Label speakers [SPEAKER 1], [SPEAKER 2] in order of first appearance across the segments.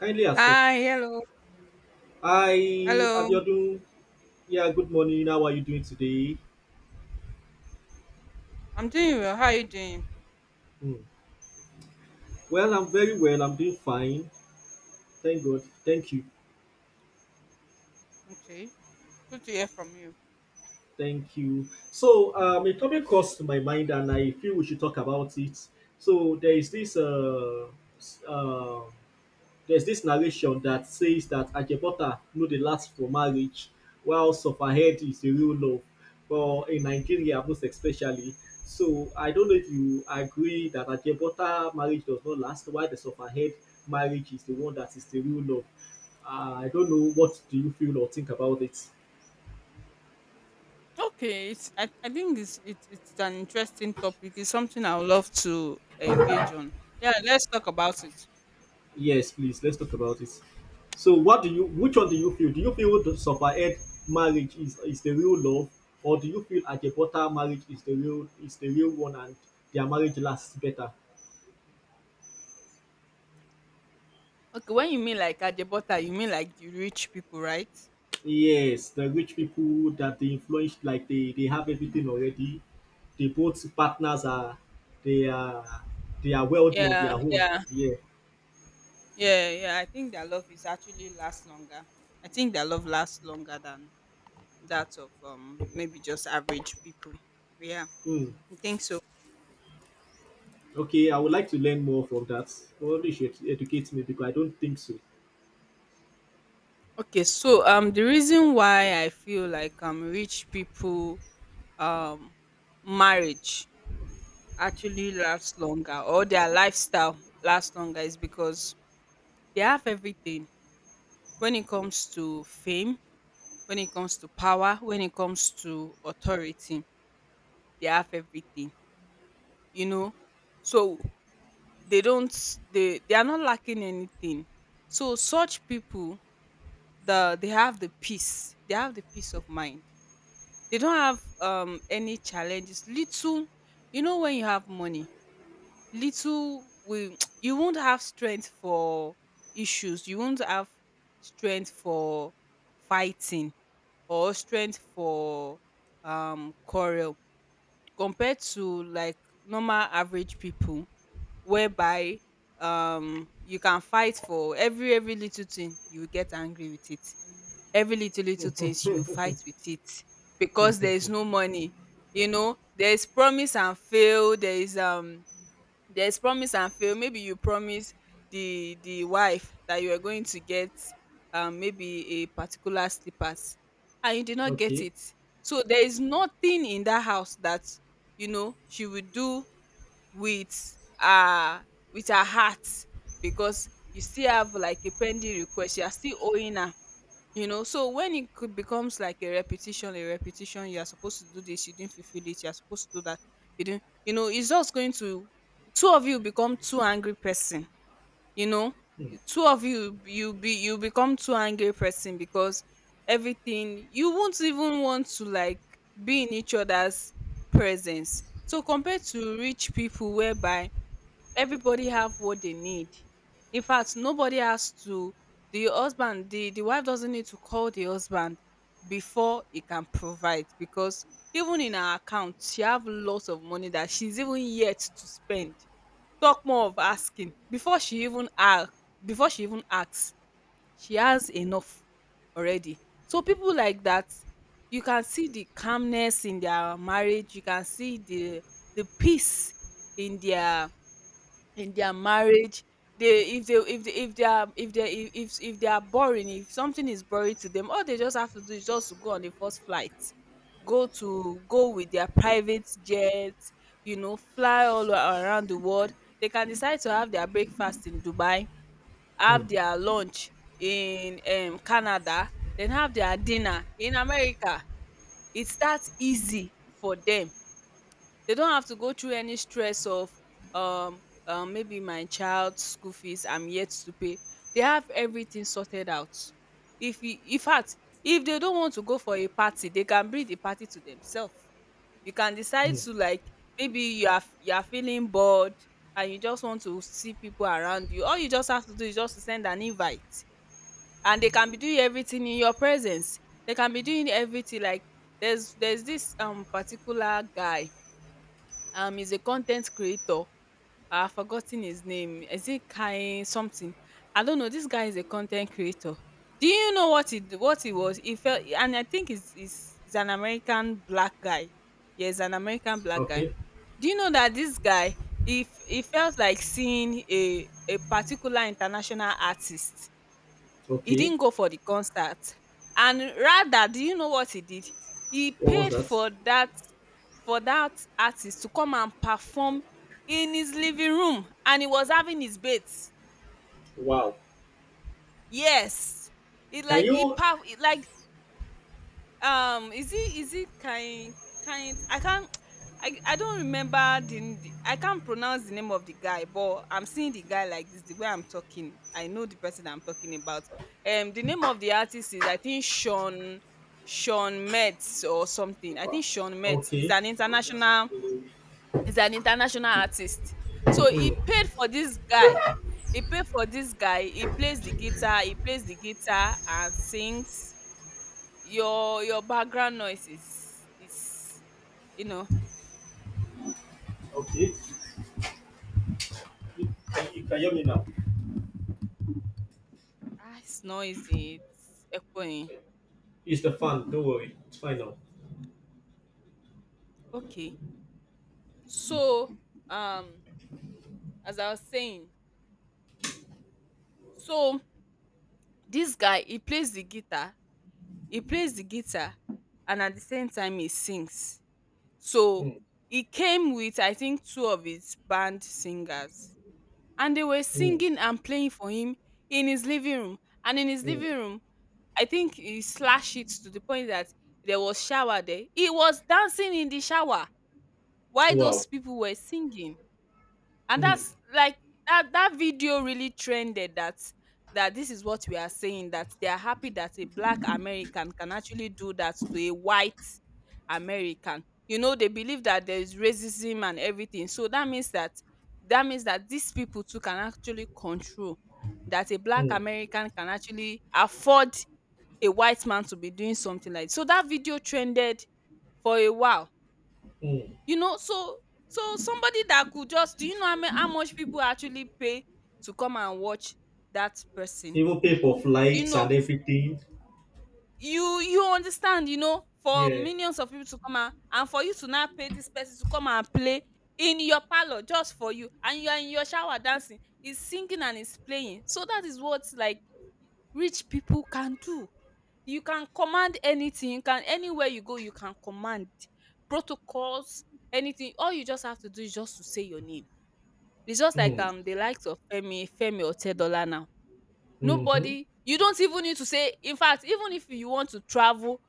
[SPEAKER 1] Kindly accept.
[SPEAKER 2] Hi, hello,
[SPEAKER 1] Hi,
[SPEAKER 2] hello.
[SPEAKER 1] Abiodun. Yeah, good morning. How are you doing today?
[SPEAKER 2] I'm doing well. How are you doing?
[SPEAKER 1] Hmm. Well, I'm very well. I'm doing fine. Thank God. Thank you.
[SPEAKER 2] Okay, good to hear from you.
[SPEAKER 1] Thank you. So, a topic crossed to my mind, and I feel we should talk about it. So, there is s- uh, there's this narration that says that Ajebota no dey last for marriage, while Surfahead is the real love, for in Nigeria most especially. So I don't know if you agree that Ajebota marriage does not last, while the Surfahead marriage is the one that is the real love. I don't know what do you feel or think about it.
[SPEAKER 2] Okay, I think it's an interesting topic. It's something I would love to engage on. Yeah, let's talk about it.
[SPEAKER 1] Yes, please. Let's talk about it. So, what do you? Which one do you feel? Do you feel the suffered marriage is the real love, or do you feel Ajebota marriage is the real one and their marriage lasts better?
[SPEAKER 2] Okay, when you mean like Ajebota, you mean like the rich people, right?
[SPEAKER 1] Yes, the rich
[SPEAKER 2] You-
[SPEAKER 1] people that they influenced, like they have everything already. They both partners are they are they are wealthy on their
[SPEAKER 2] Yeah,
[SPEAKER 1] own.
[SPEAKER 2] yeah,
[SPEAKER 1] Yeah.
[SPEAKER 2] yeah, yeah. I think their love is actually last longer. I think their love lasts longer than that of maybe just average people. Yeah,
[SPEAKER 1] Hmm.
[SPEAKER 2] I think so.
[SPEAKER 1] Okay, I would like to learn more from that. Probably you should educate me because I don't think so.
[SPEAKER 2] Okay, so the reason why I feel like rich people um marriage actually lasts longer or their lifestyle lasts longer is because they have everything when it comes to fame, when it comes to power, when it comes to authority, they have everything, you know. So they don't they are not lacking anything. So such people they have the peace, they have the peace of mind. They don't have any challenges. Little, you know, when you have money, little will you won't have strength for issues. You won't have strength for fighting or strength for quarrel compared to like normal average people whereby you can fight for every little thing, you will get angry with it. Every little things you fight with it, because there is no money. You know, there is promise and fail, there is promise and fail. Maybe you promise the wife that you are going to get maybe a particular slippers and you did not get
[SPEAKER 1] Okay.
[SPEAKER 2] it. So there is nothing in that house that, you know, she will do with uh with her heart, because you still have like a pending request, you are still owing her. You know, so when it could becomes like a repetition, you are supposed to do this, you didn't fulfill it, you are supposed to do that, you didn't, you know, it's just going to, two of you become two angry person, you know. Two of you you be you become two angry person, because everything, you won't even want to like be in each other's presence. So compared to rich people, whereby everybody have what they need. In fact, nobody has to, the husband, the wife doesn't need to call the husband before he can provide, because even in her account she have lots of money that she's even yet to spend. Talk more of asking. Before she even asks, she has enough already. So people like that, you can see the calmness in their marriage, you can see the peace in their in their marriage. They if they if they if they are if they are boring, if something is boring to them, all they just have to do is just to go on the first flight, go with their private jet, you know, fly around the world. They can decide to have their breakfast in Dubai,
[SPEAKER 1] Hmm.
[SPEAKER 2] have their lunch in Canada, then have their dinner in America. It's that easy for them. They don't have to go through any stress of maybe my child's school fees I'm yet to pay. They have everything sorted out. If you, in fact, if they don't want to go for a party, they can bring the party to themselves. You can decide
[SPEAKER 1] Hmm.
[SPEAKER 2] to like maybe you are feeling bored and you just want to see people around you. All you just have to do is just to send an invite, and they can be doing everything in your presence. They can be doing everything like there's this particular guy, he's a content creator. I've forgotten his name. Is it Kai something? I don't know. This guy is a content creator. Do you know what what he was? He felt, and I think he's an American black guy. Yes, an American black guy.
[SPEAKER 1] Okay.
[SPEAKER 2] Do you know that this guy, if he felt like seeing a particular international artist, he
[SPEAKER 1] Okay.
[SPEAKER 2] didn't go for the concert, and rather, do you know what he did? He
[SPEAKER 1] What was
[SPEAKER 2] paid
[SPEAKER 1] that?
[SPEAKER 2] for that, for that artist to come and perform in his living room, and he was having his bath.
[SPEAKER 1] Wow.
[SPEAKER 2] Yes. He
[SPEAKER 1] Can
[SPEAKER 2] like he
[SPEAKER 1] you?
[SPEAKER 2] perf like is it kind kind I can't I don't remember the, the, I can't pronounce the name of the guy, but I'm seeing the guy like this. The way I'm talking, I know the person I'm talking about. The name of the artist is, I think, Sean, Sean Metz or something. I think Sean Metz is
[SPEAKER 1] Okay.
[SPEAKER 2] an international, is an international artist. So
[SPEAKER 1] Hmm.
[SPEAKER 2] he paid for this guy. He paid for this guy. He plays the guitar. He plays the guitar and sings. Your background noise is, you know.
[SPEAKER 1] Okay. You you can hear me now.
[SPEAKER 2] Ah, it's noisy, it's echoing.
[SPEAKER 1] It's the fan. Don't worry. It's fine now.
[SPEAKER 2] Okay, so um as I was saying, so this guy, he plays the guitar, he plays the guitar, and at the same time he sings. So
[SPEAKER 1] Hmm.
[SPEAKER 2] he came with I think two of his band singers, and they were
[SPEAKER 1] Hmm.
[SPEAKER 2] singing and playing for him in his living room, and in his
[SPEAKER 1] Hmm.
[SPEAKER 2] living room, I think he slashed it to the point that there was shower there. He was dancing in the shower while those
[SPEAKER 1] Wow.
[SPEAKER 2] people were singing. And
[SPEAKER 1] Hmm.
[SPEAKER 2] that's like, that that video really trended. That that this is what we are saying, that they are happy that a black American can actually do that to a white American. You know, they believe that there is racism and everything. So that means that, that means that these people too can actually control, that a black
[SPEAKER 1] Hmm.
[SPEAKER 2] American can actually afford a white man to be doing something like, so that video trended for a while,
[SPEAKER 1] Hmm.
[SPEAKER 2] you know. So, so somebody that could just do, you know how many, how much people actually pay to come and watch that person,
[SPEAKER 1] Even pay for
[SPEAKER 2] you
[SPEAKER 1] flights
[SPEAKER 2] know.
[SPEAKER 1] and everything.
[SPEAKER 2] You understand? You know, for
[SPEAKER 1] Yeah.
[SPEAKER 2] millions of people to come and for you to now pay this person to come and play in your parlor just for you, and you are in your shower dancing, he's singing and he's playing. So that is what like rich people can do. You can command anything, you can, anywhere you go, you can command protocols, anything. All you just have to do is just to say your name. It's just like
[SPEAKER 1] Hmm.
[SPEAKER 2] the likes of Femi, Femi Otedola now.
[SPEAKER 1] Mm-hmm.
[SPEAKER 2] Nobody, you don't even need to say. In fact, even if you want to travel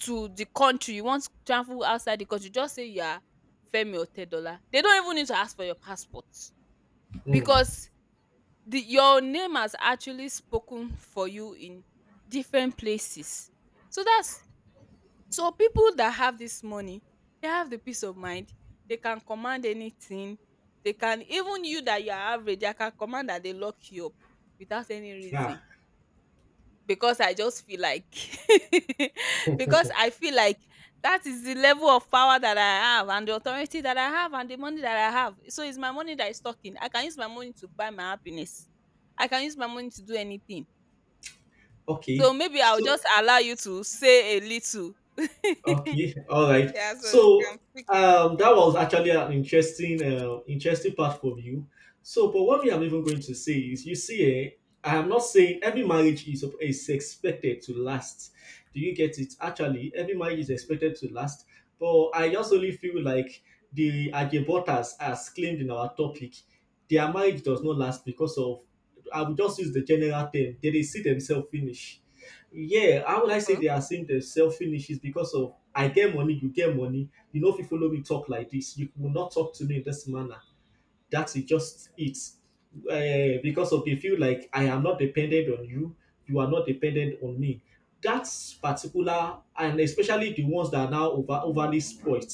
[SPEAKER 2] to the country, you want to travel outside the country, just say you are Femi Otedola. They don't even need to ask for your passport,
[SPEAKER 1] Hmm.
[SPEAKER 2] because the your name has actually spoken for you in different places. So that's, so people that have this money, they have the peace of mind, they can command anything, they can even, you that you are average, they can command that they lock you up without any
[SPEAKER 1] Yeah.
[SPEAKER 2] reason, because I just feel like because I feel like that is the level of power that I have, and the authority that I have, and the money that I have. So it's my money that is talking. I can use my money to buy my happiness. I can use my money to do anything. So
[SPEAKER 1] Okay.
[SPEAKER 2] maybe I'll
[SPEAKER 1] So,
[SPEAKER 2] just allow you to say a little.
[SPEAKER 1] okay, all right.
[SPEAKER 2] Yeah, so you can
[SPEAKER 1] So
[SPEAKER 2] pick it
[SPEAKER 1] that was actually an interesting part for you. So, but what we am even going to say is, you see, I am not saying every marriage is expected to last. Do you get it? Actually, every marriage is expected to last. But I just only feel like the Ajebotas, as claimed in our topic, their marriage does not last because of. I will just use the general term. They dey see themselves finish, yeah, how would
[SPEAKER 2] up.
[SPEAKER 1] I say
[SPEAKER 2] Okay.
[SPEAKER 1] they are seeing themselves finish is because of I get money. You know, if you follow me talk like this, you will not talk to me in this manner. That is just it. Because of they feel like I am not dependent on you, you are not dependent on me. That's particular, and especially the ones that are now overly spoilt,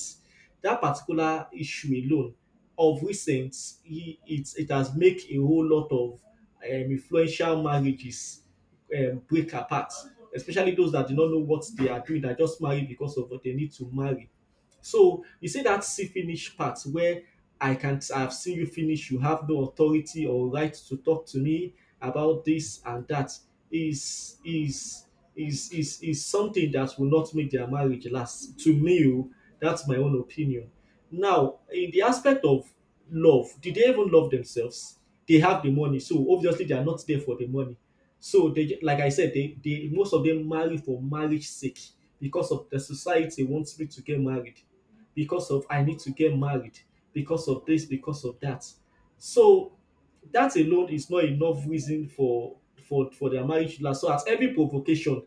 [SPEAKER 1] that particular issue alone, of recent, it has made a whole lot of influential marriages break apart, especially those that do not know what they are doing, that just marry because of what they need to marry. So you see that see finish part where I can't, I've seen you finish. You have no authority or right to talk to me about this and that. Is is is something that will not make their marriage last. To me, oh, that's my own opinion. Now, in the aspect of love, did they even love themselves? They have the money, so obviously they are not there for the money. So they, like I said, they most of them marry for marriage sake because of the society wants me to get married, because of I need to get married, because of this, because of that. So that alone is not enough reason for for their marriage to last. So at every provocation,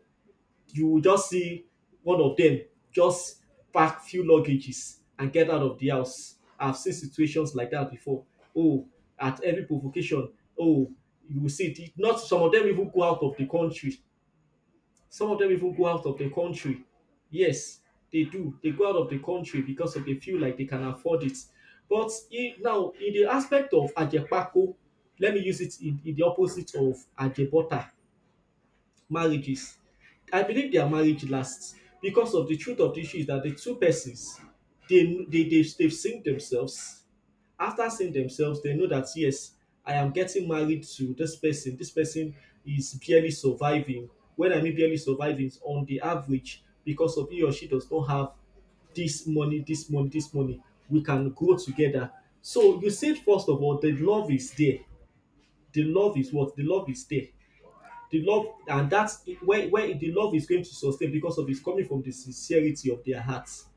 [SPEAKER 1] you will just see one of them just pack few luggages and get out of the house. I've seen situations like that before. Oh, at every provocation, oh, you will see it. Not some of them even go out of the country, some of them even go out of the country Yes, they do. They go out of the country because of they feel like they can afford it. But now, in the aspect of Ajepako, let me use it in the opposite of Ajebota marriages. I believe their marriage lasts because of the truth of the issue is that the two persons they've seen themselves. After seeing themselves, they know that yes, I am getting married to this person. This person is barely surviving. When I mean barely surviving, is on the average because of he or she does not have this money. We can grow together. So you said first of all, the love is there. The love is what? The love is there. The love, and that's where the love is going to sustain because of it's coming from the sincerity of their hearts,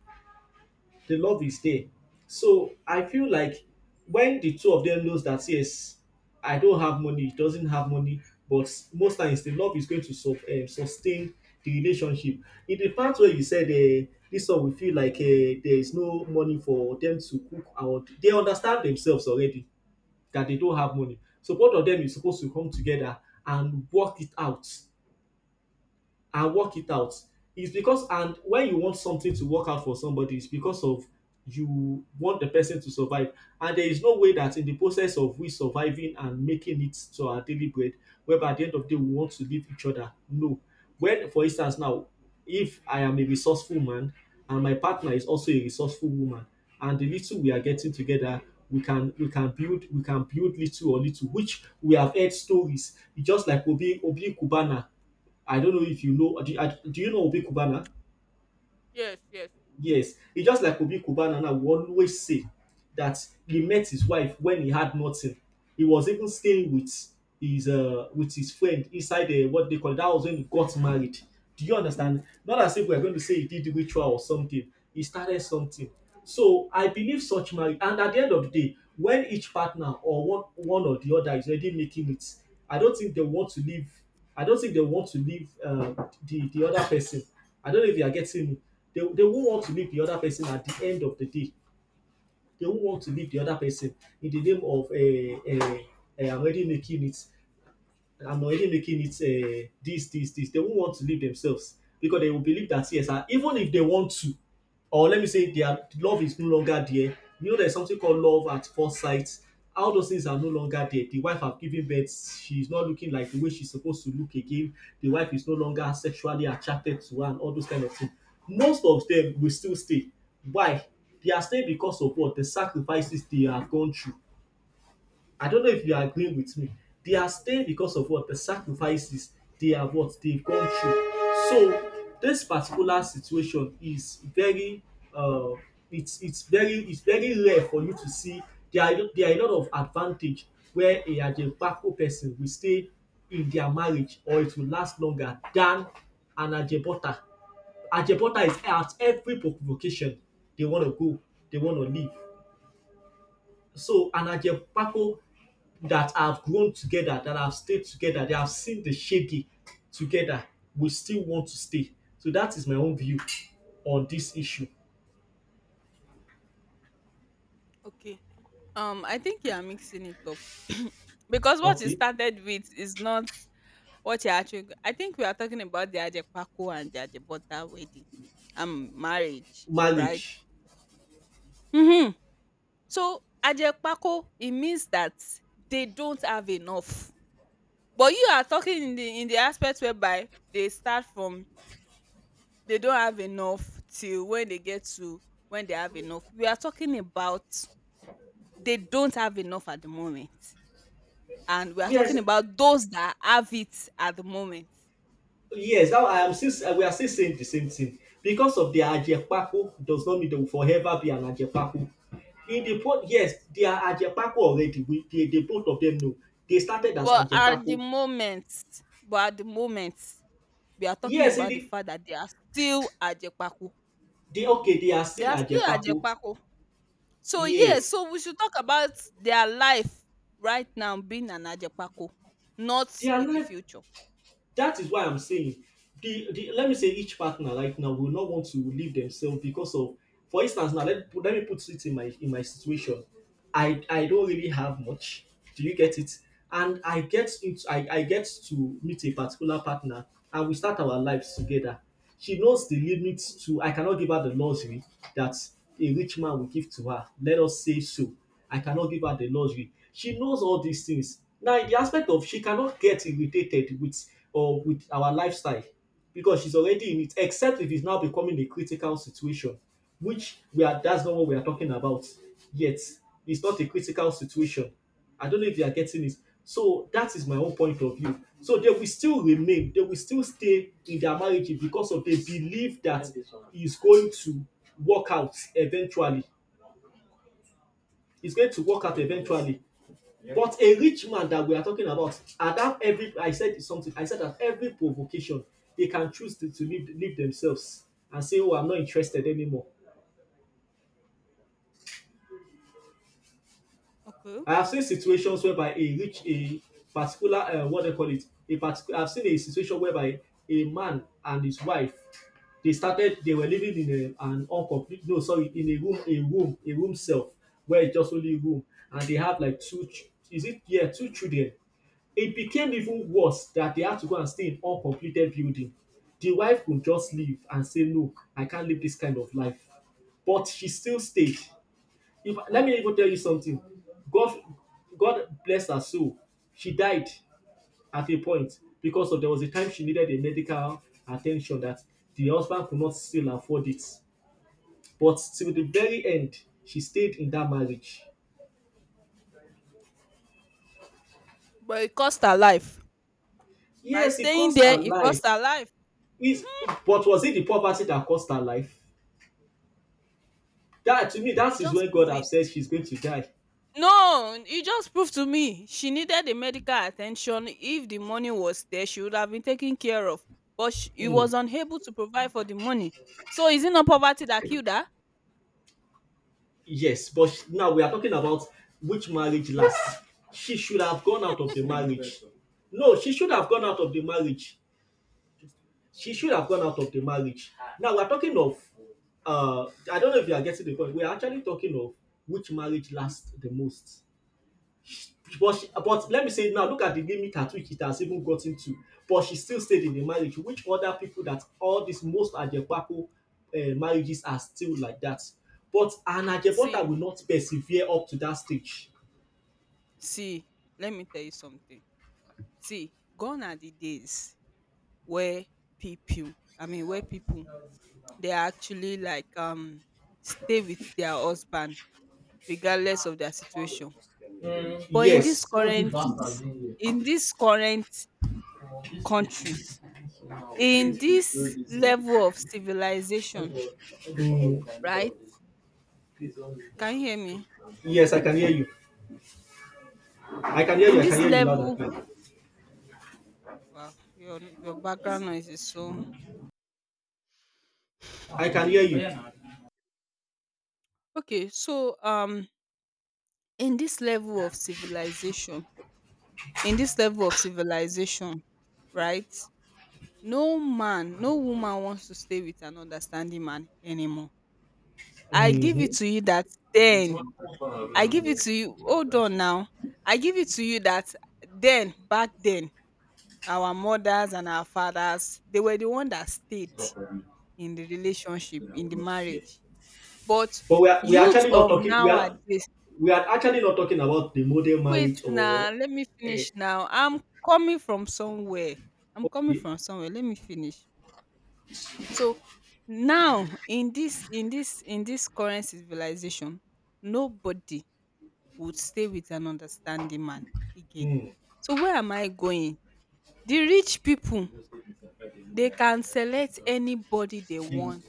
[SPEAKER 1] the love is there. So I feel like when the two of them knows that yes, I don't have money, he doesn't have money, but most times the love is going to sustain the relationship. In the part where you said this one, we feel like there is no money for them to cook, or they understand themselves already that they don't have money. So both of them is supposed to come together and work it out and work it out. It's because, and when you want something to work out for somebody, it's because of you want the person to survive. And there is no way that in the process of we surviving and making it to our daily bread, whereby at the end of the day we want to leave each other. No. When for instance now, if I am a resourceful man and my partner is also a resourceful woman, and the little we are getting together, we can build little or little which we have heard stories. It's just like Obi Kubana. I don't know if you know. Do you know Obi Kubana?
[SPEAKER 2] Yes, yes.
[SPEAKER 1] Yes. It's just like Obi Kubana, and will always say that he met his wife when he had nothing. He was even staying with his friend inside the what they call, that was when he got married. Do you understand? Not as if we're going to say he did ritual or something. He started something. So I believe such marriage, and at the end of the day, when each partner or one or the other is already making it, I don't think they want to leave. I don't think they want to leave the other person. I don't know if you are getting me. They won't want to leave the other person at the end of the day. They won't want to leave the other person in the name of I'm already making it. I'm already making it this, this, this. They won't want to leave themselves because they will believe that yes, ah, even if they want to, or let me say their love is no longer there. You know, there's something called love at first sight. All those things are no longer there. The wife have given birth. She's not looking like the way she's supposed to look again. The wife is no longer sexually attracted to her and all those kind of things. Most of them will still stay. Why? They are staying because of what, the sacrifices they have gone through. I don't know if you are agreeing with me. They are staying because of what? The sacrifices they have what? They've gone through. So this particular situation is very uh it's it's very rare for you to see. There are a lot of advantage where a ajebako person will stay in their marriage, or it will last longer than an ajebota. Ajebota is at every provocation they want to go, they want to leave. So an ajebako that have grown together, that have stayed together, they have seen the shege together, will still want to stay. So that is my own view on this issue.
[SPEAKER 2] Okay. I think you are mixing it up. Because what you
[SPEAKER 1] Okay,
[SPEAKER 2] started with is not, what you actually, I think we are talking about the Ajepaku and the Ajebọ́tà wedding and marriage, right?
[SPEAKER 1] marriage.
[SPEAKER 2] Mhm. So, Ajepaku, it means that they don't have enough. But you are talking in the, in the aspect whereby they start from they don't have enough till when they get to when they have enough. We are talking about they don't have enough at the moment, and we are
[SPEAKER 1] Yes,
[SPEAKER 2] talking about those that have it at the moment.
[SPEAKER 1] yes. Now I am still, we are still saying the same thing because of the ajepako does not mean they will forever be an ajepako. In the pot, yes, they are ajepako already. They both of them know they started as
[SPEAKER 2] But at the
[SPEAKER 1] ajepako.
[SPEAKER 2] moment but at the moment we are talking
[SPEAKER 1] Yes, in
[SPEAKER 2] about the
[SPEAKER 1] the,
[SPEAKER 2] fact that they are still Ajepaku.
[SPEAKER 1] they okay. They are
[SPEAKER 2] They
[SPEAKER 1] still
[SPEAKER 2] are still
[SPEAKER 1] ajepako.
[SPEAKER 2] Ajepaku. So yes,
[SPEAKER 1] Yes,
[SPEAKER 2] so we should talk about their life right now being an Ajepaku, not
[SPEAKER 1] they are
[SPEAKER 2] in the
[SPEAKER 1] not.
[SPEAKER 2] future.
[SPEAKER 1] That is why I'm saying the let me say each partner right now will not want to leave themselves because of, for instance now, let me put it in my situation. I don't really have much. Do you get it? And I get to meet a particular partner and we start our lives together. She knows the limits to I cannot give her the luxury that a rich man will give to her. Let us say so. I cannot give her the luxury. She knows all these things. Now, in the aspect of, she cannot get irritated with or with our lifestyle because she's already in it, except if it's now becoming a critical situation, which we are that's not what we are talking about yet. It's not a critical situation. I don't know if you are getting it. So that is my own point of view. So they will still remain, they will still stay in their marriage because of they believe that is going to work out eventually. It's going to work out eventually. But a rich man that we are talking about, at that every I said something, I said that every provocation, they can choose to leave, leave themselves and say, oh, I'm not interested anymore.
[SPEAKER 2] Okay.
[SPEAKER 1] I have seen situations whereby a rich, a particular, what they call it, a particular. I've seen a situation whereby a man and his wife, they started, they were living in a, an uncomplete, no, sorry, in a room, a room self, where it's just only room, and they have like two, is it yeah, two children. It became even worse that they had to go and stay in uncompleted building. The wife could just leave and say, no, I can't live this kind of life, but she still stayed. If let me even tell you something, God God bless her soul. She died at a point because of there was a time she needed a medical attention that the husband could not still afford it. But till the very end, she stayed in that marriage.
[SPEAKER 2] But it cost her life. By
[SPEAKER 1] Yes, it
[SPEAKER 2] staying
[SPEAKER 1] cost
[SPEAKER 2] there,
[SPEAKER 1] her
[SPEAKER 2] it
[SPEAKER 1] life.
[SPEAKER 2] cost her life.
[SPEAKER 1] Is but was it the poverty that cost her life? That to me, that
[SPEAKER 2] You
[SPEAKER 1] is
[SPEAKER 2] just
[SPEAKER 1] when God
[SPEAKER 2] prove
[SPEAKER 1] have said
[SPEAKER 2] it.
[SPEAKER 1] she's going to die.
[SPEAKER 2] No, you just proved to me she needed the medical attention. If the money was there, she would have been taken care of. But she, he
[SPEAKER 1] Hmm.
[SPEAKER 2] was unable to provide for the money. So is it not poverty that killed her?
[SPEAKER 1] Yes, but now we are talking about which marriage lasts. She should have gone out of the She marriage. Better. No, she should have gone out of the marriage. She should have gone out of the marriage. Now we are talking of I don't know if you are getting the point. We are actually talking of which marriage lasts the most. But she, but let me say now, look at the limit at which it has even gotten to. But she still stayed in the marriage. Which other people that all these most Ajebaku marriages are still like that? But an Ajebota
[SPEAKER 2] See,
[SPEAKER 1] will not persevere up to that stage.
[SPEAKER 2] see, let me tell you something. See, gone are the days where people, I mean, where people, they are actually like, stay with their husband regardless of their situation.
[SPEAKER 1] Mm.
[SPEAKER 2] But
[SPEAKER 1] Yes,
[SPEAKER 2] in this current country, in this level of civilization, right? Can you hear me?
[SPEAKER 1] yes, I can hear you. I can hear
[SPEAKER 2] In
[SPEAKER 1] you. I can
[SPEAKER 2] this
[SPEAKER 1] hear you loud and
[SPEAKER 2] level,
[SPEAKER 1] clear.
[SPEAKER 2] wow, your background noise is so
[SPEAKER 1] I can hear you.
[SPEAKER 2] okay. So, in this level of civilization in this level of civilization, right? No man, no woman wants to stay with an understanding man anymore. I give it
[SPEAKER 1] Hmm.
[SPEAKER 2] to you that then, I give it to you, hold on now. I give it to you that then, back then, our mothers and our fathers, they were the one that stayed in the relationship, in the marriage. But
[SPEAKER 1] But we are
[SPEAKER 2] youth
[SPEAKER 1] actually not
[SPEAKER 2] of
[SPEAKER 1] talking. We are not,
[SPEAKER 2] nowadays,
[SPEAKER 1] we are actually not talking about the model
[SPEAKER 2] wait
[SPEAKER 1] marriage
[SPEAKER 2] now,
[SPEAKER 1] or.
[SPEAKER 2] let me
[SPEAKER 1] Eh,
[SPEAKER 2] finish now. I'm coming from somewhere. I'm coming
[SPEAKER 1] okay.
[SPEAKER 2] from somewhere. Let me finish. So now in this current civilization, nobody would stay with an understanding man again.
[SPEAKER 1] Mm,
[SPEAKER 2] So where am I going? The rich people, they can select anybody they want.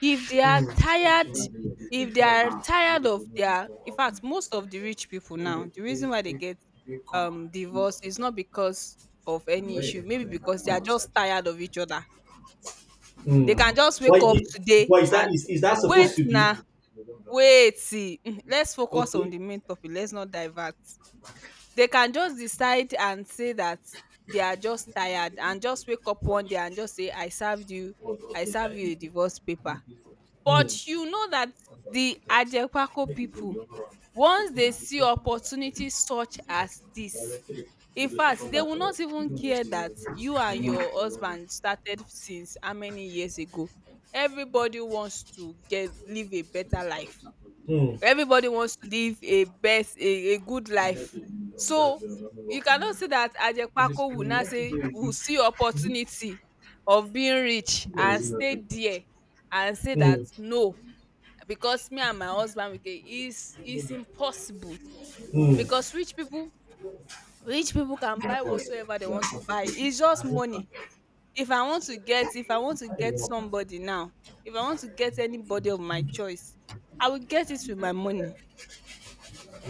[SPEAKER 2] If they are
[SPEAKER 1] mm.
[SPEAKER 2] tired, if they are tired of their, in fact, most of the rich people now, the reason why they get divorced is not because of any issue, maybe because they are just tired of each other. They can
[SPEAKER 1] Mm.
[SPEAKER 2] just
[SPEAKER 1] Why
[SPEAKER 2] wake up
[SPEAKER 1] did,
[SPEAKER 2] today
[SPEAKER 1] why
[SPEAKER 2] and
[SPEAKER 1] is that
[SPEAKER 2] wait
[SPEAKER 1] supposed to be
[SPEAKER 2] na, wait till let's focus on
[SPEAKER 1] okay?
[SPEAKER 2] the main topic, let's not divert. They can just decide and say that they are just tired and just wake up one day and just say I served you, I serve you a divorce paper.
[SPEAKER 1] Mm.
[SPEAKER 2] But you know that the Ajekwako people, once they see opportunity such as this, in fact they will not even care that you and your husband started since how many years ago. Everybody wants to get live a better life.
[SPEAKER 1] Mm.
[SPEAKER 2] Everybody wants to live a best a good life. So you cannot say that Ajepako will now say will see opportunity of being rich and stay there and say that
[SPEAKER 1] Mm.
[SPEAKER 2] no, because me and my husband we can, is impossible. Because
[SPEAKER 1] Mm.
[SPEAKER 2] rich people, rich people can buy whatsoever they want to buy. It's just money. If I want to get if I want to get somebody now, if I want to get anybody of my choice, I will get it with my money.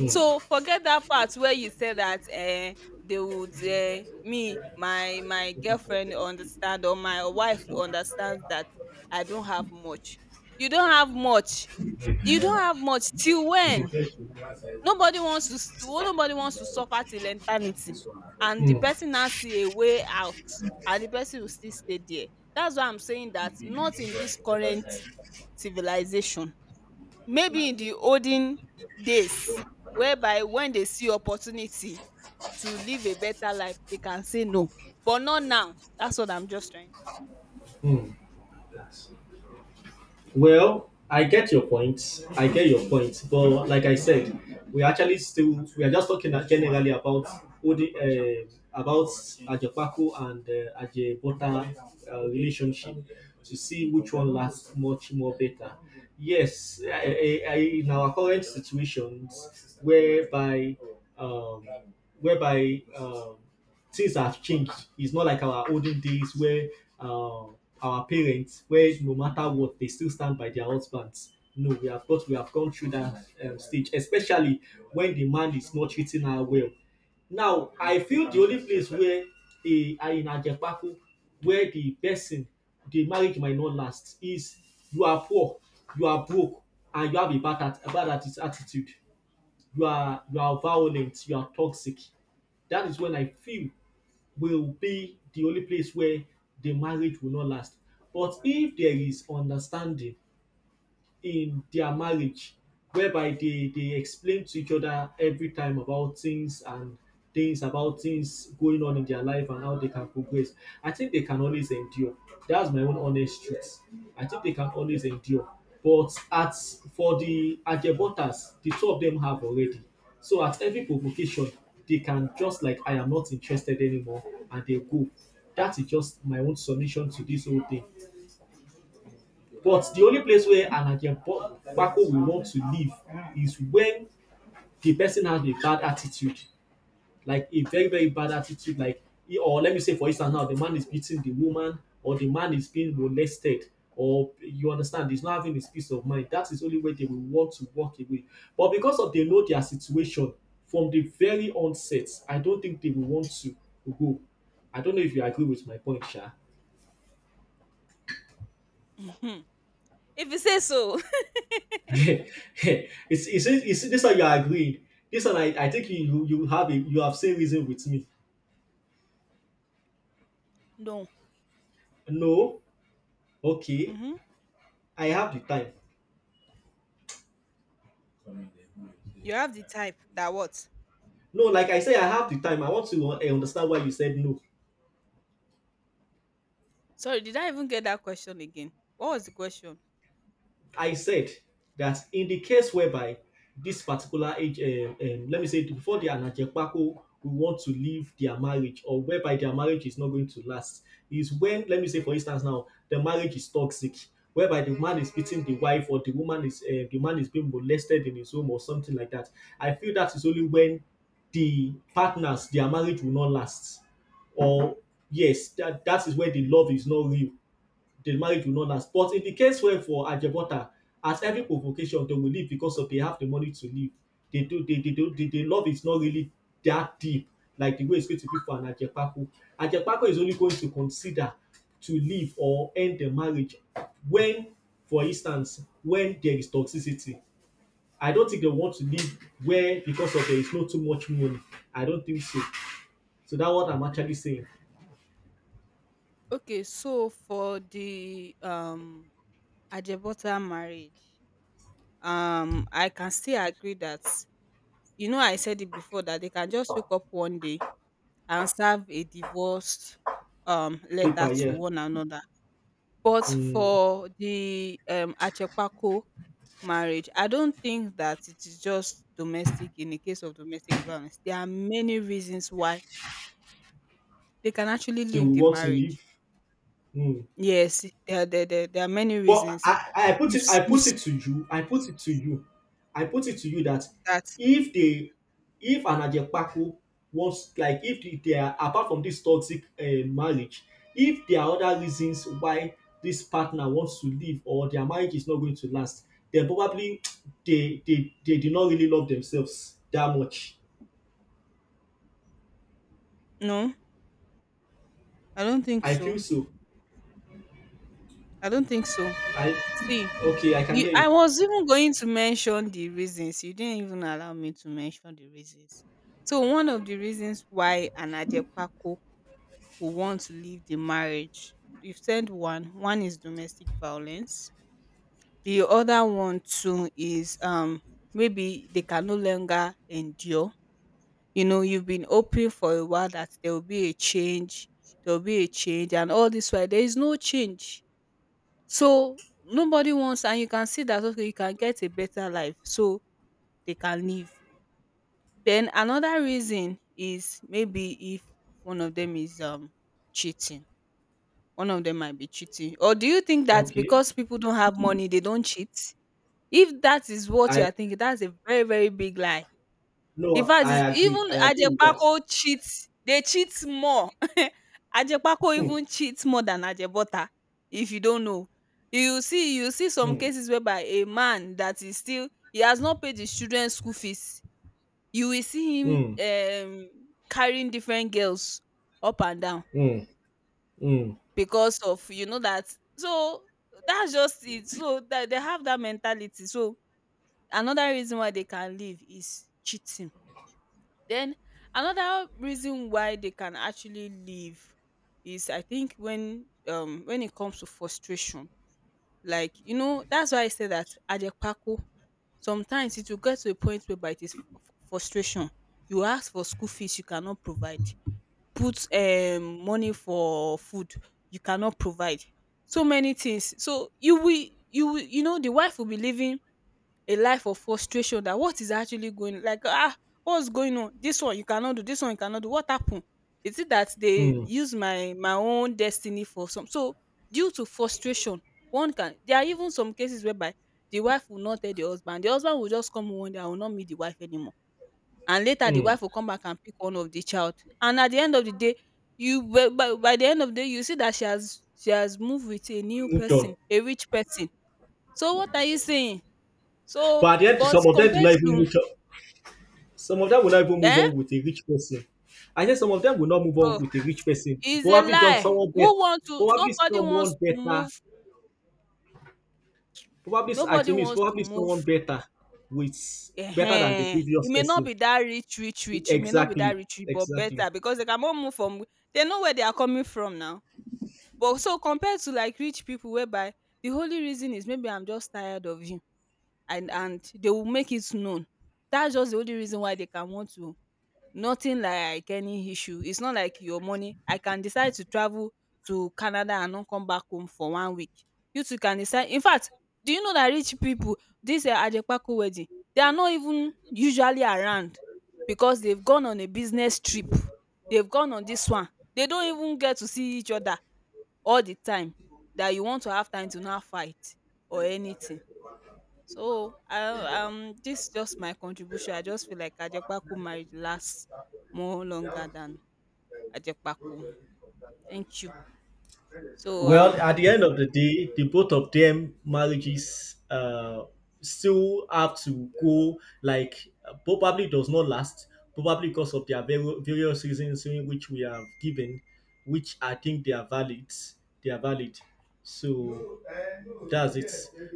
[SPEAKER 2] So forget that part where you say that eh, they would eh, me, my girlfriend understand or my wife understands that I don't have much. You don't have much. You don't have much till when? Nobody wants to suffer till eternity and the
[SPEAKER 1] Mm.
[SPEAKER 2] person now see a way out and the person will still stay there. That's why I'm saying that not in this current civilization. Maybe in the olden days whereby when they see opportunity to live a better life, they can say no. But not now. That's what I'm just trying to
[SPEAKER 1] Mm. Well, I get your point. I get your point. But like I said, we actually still we are just talking generally about Odi, about Ajepaku and Ajebota relationship, to see which one lasts much more better. Yes, in our current situations, whereby um, whereby things have changed. It's not like our olden days where uh, our parents, where no matter what, they still stand by their husbands. No, we have got, we have gone through that stage, especially when the man is not treating her well. Now, I feel the only place where a, in Ajepaku, where the person, the marriage might not last is you are poor, you are broke, and you have a bad, at, a bad attitude. You are violent, you are toxic. That is when I feel will be the only place where the marriage will not last. But if there is understanding in their marriage, whereby they explain to each other every time about things and things about things going on in their life and how they can progress, I think they can always endure. That's my own honest truth. I think they can always endure. But as for the Ajebutas, the two of them have already, so at every provocation they can just like I am not interested anymore, and they go. That is just my own submission to this whole thing. But the only place where Anakem Bako will want to live is when the person has a bad attitude, like a very, very bad attitude. Like, or let me say, for instance, now the man is beating the woman, or the man is being molested, or you understand, he's not having his peace of mind. That is only where they will want to walk away. But because of they know their situation from the very onset, I don't think they will want to go. I don't know if you agree with my point, Sha.
[SPEAKER 2] say. Mhm. If you say so.
[SPEAKER 1] It's this one you are agreeing. This one I think you have a, you have same reason with me.
[SPEAKER 2] No.
[SPEAKER 1] No, okay,
[SPEAKER 2] Mhm.
[SPEAKER 1] I have the time.
[SPEAKER 2] You have the type that what?
[SPEAKER 1] No, like I say, I have the time. I want to understand why you said no.
[SPEAKER 2] Sorry, did I even get that question again? What was the question?
[SPEAKER 1] I said that in the case whereby this particular age, let me say, before they are Najepako, we want to leave their marriage or whereby their marriage is not going to last, is when, let me say, for instance, now the marriage is toxic, whereby the man is beating the wife or the woman is, the man is being molested in his home or something like that. I feel that is only when the partners, their marriage will not last. Or, yes, that, that is where the love is not real, the marriage will not last. But in the case where for Ajebota, at every provocation they will leave because of they have the money to leave. They do the love is not really that deep like the way it's going to be for an Ajepako. Ajepako is only going to consider to leave or end the marriage when, for instance, when there is toxicity. I don't think they want to leave where because of there is not too much money. I don't think so. So that's what I'm actually saying.
[SPEAKER 2] Okay, so for the Ajebota marriage, I can still agree that, you know, I said it before that they can just wake up one day and serve a divorce letter
[SPEAKER 1] Paper,
[SPEAKER 2] to
[SPEAKER 1] yeah.
[SPEAKER 2] one another. But
[SPEAKER 1] Mm,
[SPEAKER 2] for the Achepako marriage, I don't think that it is just domestic, in the case of domestic violence. There are many reasons why they can actually
[SPEAKER 1] they
[SPEAKER 2] leave
[SPEAKER 1] will
[SPEAKER 2] the
[SPEAKER 1] want to
[SPEAKER 2] marriage.
[SPEAKER 1] leave. Mm.
[SPEAKER 2] Yes, there are many
[SPEAKER 1] But
[SPEAKER 2] reasons. You've s-
[SPEAKER 1] I put
[SPEAKER 2] you've
[SPEAKER 1] it to you, I put it to you, I put it to you that
[SPEAKER 2] that.
[SPEAKER 1] if they if an Ajepaku wants like if they are apart from this toxic marriage, if there are other reasons why this partner wants to leave or their marriage is not going to last, then probably they they did not really love themselves that much.
[SPEAKER 2] No, I don't think
[SPEAKER 1] I
[SPEAKER 2] so.
[SPEAKER 1] feel so.
[SPEAKER 2] I don't think so.
[SPEAKER 1] I
[SPEAKER 2] See,
[SPEAKER 1] okay, I can
[SPEAKER 2] you,
[SPEAKER 1] hear you.
[SPEAKER 2] I was even going to mention the reasons. You didn't even allow me to mention the reasons. So one of the reasons why an Adepaku would want to leave the marriage, you've said one. One is domestic violence. The other one too is maybe they can no longer endure. You know, you've been hoping for a while that there will be a change. There will be a change, and all this while there is no change. So nobody wants, and you can see that okay you can get a better life, so they can leave. Then another reason is maybe if one of them is cheating. One of them might be cheating. Or do you think that
[SPEAKER 1] Okay.
[SPEAKER 2] because people don't have money they don't cheat? If that is what you
[SPEAKER 1] I
[SPEAKER 2] are thinking, that's a very very big lie. In
[SPEAKER 1] no,
[SPEAKER 2] fact, it's
[SPEAKER 1] I agree.
[SPEAKER 2] even
[SPEAKER 1] I agree with that.
[SPEAKER 2] Ajepako cheats, they cheat more. Ajepako
[SPEAKER 1] Hmm.
[SPEAKER 2] even cheats more than Ajebọ́ta, if you don't know. You see some
[SPEAKER 1] Hmm.
[SPEAKER 2] cases whereby a man that is still, he has not paid his children's school fees, you will see him,
[SPEAKER 1] Hmm.
[SPEAKER 2] um, carrying different girls up and down
[SPEAKER 1] Mm, mm,
[SPEAKER 2] because of, you know that so, that's just it. So, that they have that mentality. So, another reason why they can leave is cheating. Then another reason why they can actually leave is, I think when, when it comes to frustration, like you know, that's why I say that Ajepaku, sometimes it will get to a point whereby it is frustration. You ask for school fees, you cannot provide. Put money for food, you cannot provide. So many things. So you will, you know, the wife will be living a life of frustration, that what is actually going, like ah, what's going on, this one you cannot do, this one you cannot do, what happened? Is it that they
[SPEAKER 1] mm,
[SPEAKER 2] use my own destiny for some? So due to frustration, one can, there are even some cases whereby the wife will not tell the husband, the husband will just come home one day and will not meet the wife anymore, and later the
[SPEAKER 1] mm.
[SPEAKER 2] wife will come back and pick one of the child, and at the end of the day, you by the end of the day you see that she has moved with a new
[SPEAKER 1] Moved on.
[SPEAKER 2] person, a rich person. So what are you saying? So,
[SPEAKER 1] But at the end,
[SPEAKER 2] but
[SPEAKER 1] some of them do
[SPEAKER 2] compared
[SPEAKER 1] not even
[SPEAKER 2] to,
[SPEAKER 1] move on. Some of them will not even move
[SPEAKER 2] eh?
[SPEAKER 1] on with a rich person. I said some of them will not move on
[SPEAKER 2] Oh,
[SPEAKER 1] with a rich person.
[SPEAKER 2] it's a
[SPEAKER 1] Probably just
[SPEAKER 2] lie.
[SPEAKER 1] someone better.
[SPEAKER 2] Who want to,
[SPEAKER 1] Probably
[SPEAKER 2] nobody wants
[SPEAKER 1] someone
[SPEAKER 2] to
[SPEAKER 1] better.
[SPEAKER 2] move
[SPEAKER 1] Probably I
[SPEAKER 2] nobody
[SPEAKER 1] to me it's
[SPEAKER 2] wants to
[SPEAKER 1] probably
[SPEAKER 2] move,
[SPEAKER 1] someone better with better than the
[SPEAKER 2] ehen. E
[SPEAKER 1] previous
[SPEAKER 2] may not
[SPEAKER 1] person.
[SPEAKER 2] be that rich rich rich, e may not be that
[SPEAKER 1] Exactly.
[SPEAKER 2] rich rich but better,
[SPEAKER 1] Exactly.
[SPEAKER 2] because they cannot move from, they know where they are coming from now. But so compared to like rich people, whereby the only reason is maybe I'm just tired of you, and they will make it known. That's just the only reason why they can want to, nothing like any issue. It's not like your money. I can decide to travel to Canada and not come back home for one week. You too can decide. In fact, do you know that rich people, this Ajepako wedding, they are not even usually around because they've gone on a business trip. They've gone on this one. They don't even get to see each other all the time, that you want to have time to now fight or anything. So, I this just my contribution. I just feel like Ajepaku marriage lasts more longer than Ajepaku. Thank you. So,
[SPEAKER 1] Well, at the end of the day, the both of them marriages still have to go like probably does not last, probably because of their various reasons in which we have given, which I think they are valid. They are valid. So that's it.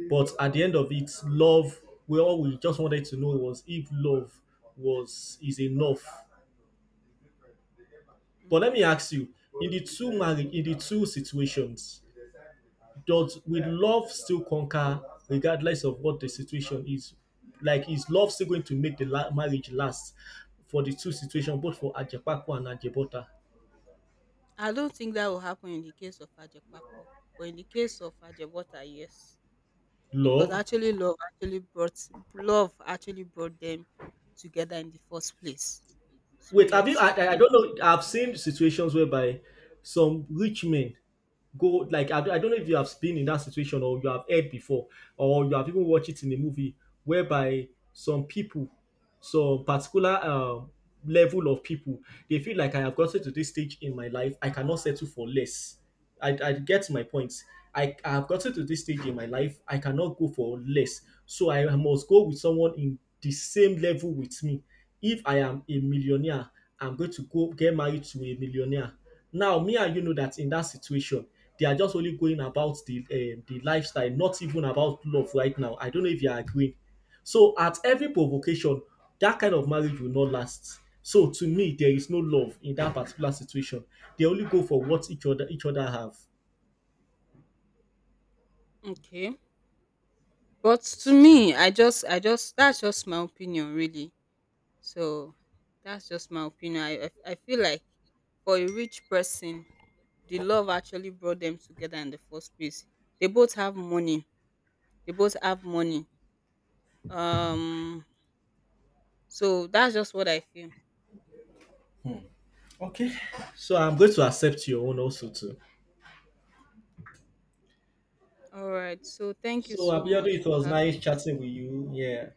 [SPEAKER 1] But at the end of it, love. We all we just wanted to know was if love was is enough. But let
[SPEAKER 2] mm,
[SPEAKER 1] me ask you: in the two marriage, in the two situations, does will love still conquer regardless of what the situation is? Like is love still going to make the marriage last for the two situations, both for Ajepako and Ajebota?
[SPEAKER 2] I don't think that will happen in the case of Ajepaku, but in the case of Ajebota, yes, because
[SPEAKER 1] Love.
[SPEAKER 2] actually love actually brought them together in the first place. So
[SPEAKER 1] Wait, have you?
[SPEAKER 2] yes,
[SPEAKER 1] I I don't know. I've seen situations whereby some rich men go like I don't know if you have been in that situation or you have heard before or you have even watched it in a movie whereby some people some particular level of people, they feel like I have gotten to this stage in my life, I cannot settle for less. I get my point. I have gotten to this stage in my life, I cannot go for less. So I must go with someone in the same level with me. If I am a millionaire, I'm going to go get married to a millionaire. Now, me and you know that in that situation, they are just only going about the lifestyle, not even about love right now. I don't know if you are agreeing. So, at every provocation, that kind of marriage will not last. So, to me, there is no love in that particular situation. They only go for what each other have.
[SPEAKER 2] okay. But to me, I just, that's just my opinion really. So that's just my opinion. I feel like for a rich person, the love actually brought them together in the first place. They both have money. They both have money. Um, so that's just what I feel.
[SPEAKER 1] Okay. So, I'm going to accept your own also too.
[SPEAKER 2] All right. So thank you
[SPEAKER 1] So,
[SPEAKER 2] so
[SPEAKER 1] Abiodun,
[SPEAKER 2] much
[SPEAKER 1] it
[SPEAKER 2] for
[SPEAKER 1] was
[SPEAKER 2] having.
[SPEAKER 1] nice chatting with you. Yeah.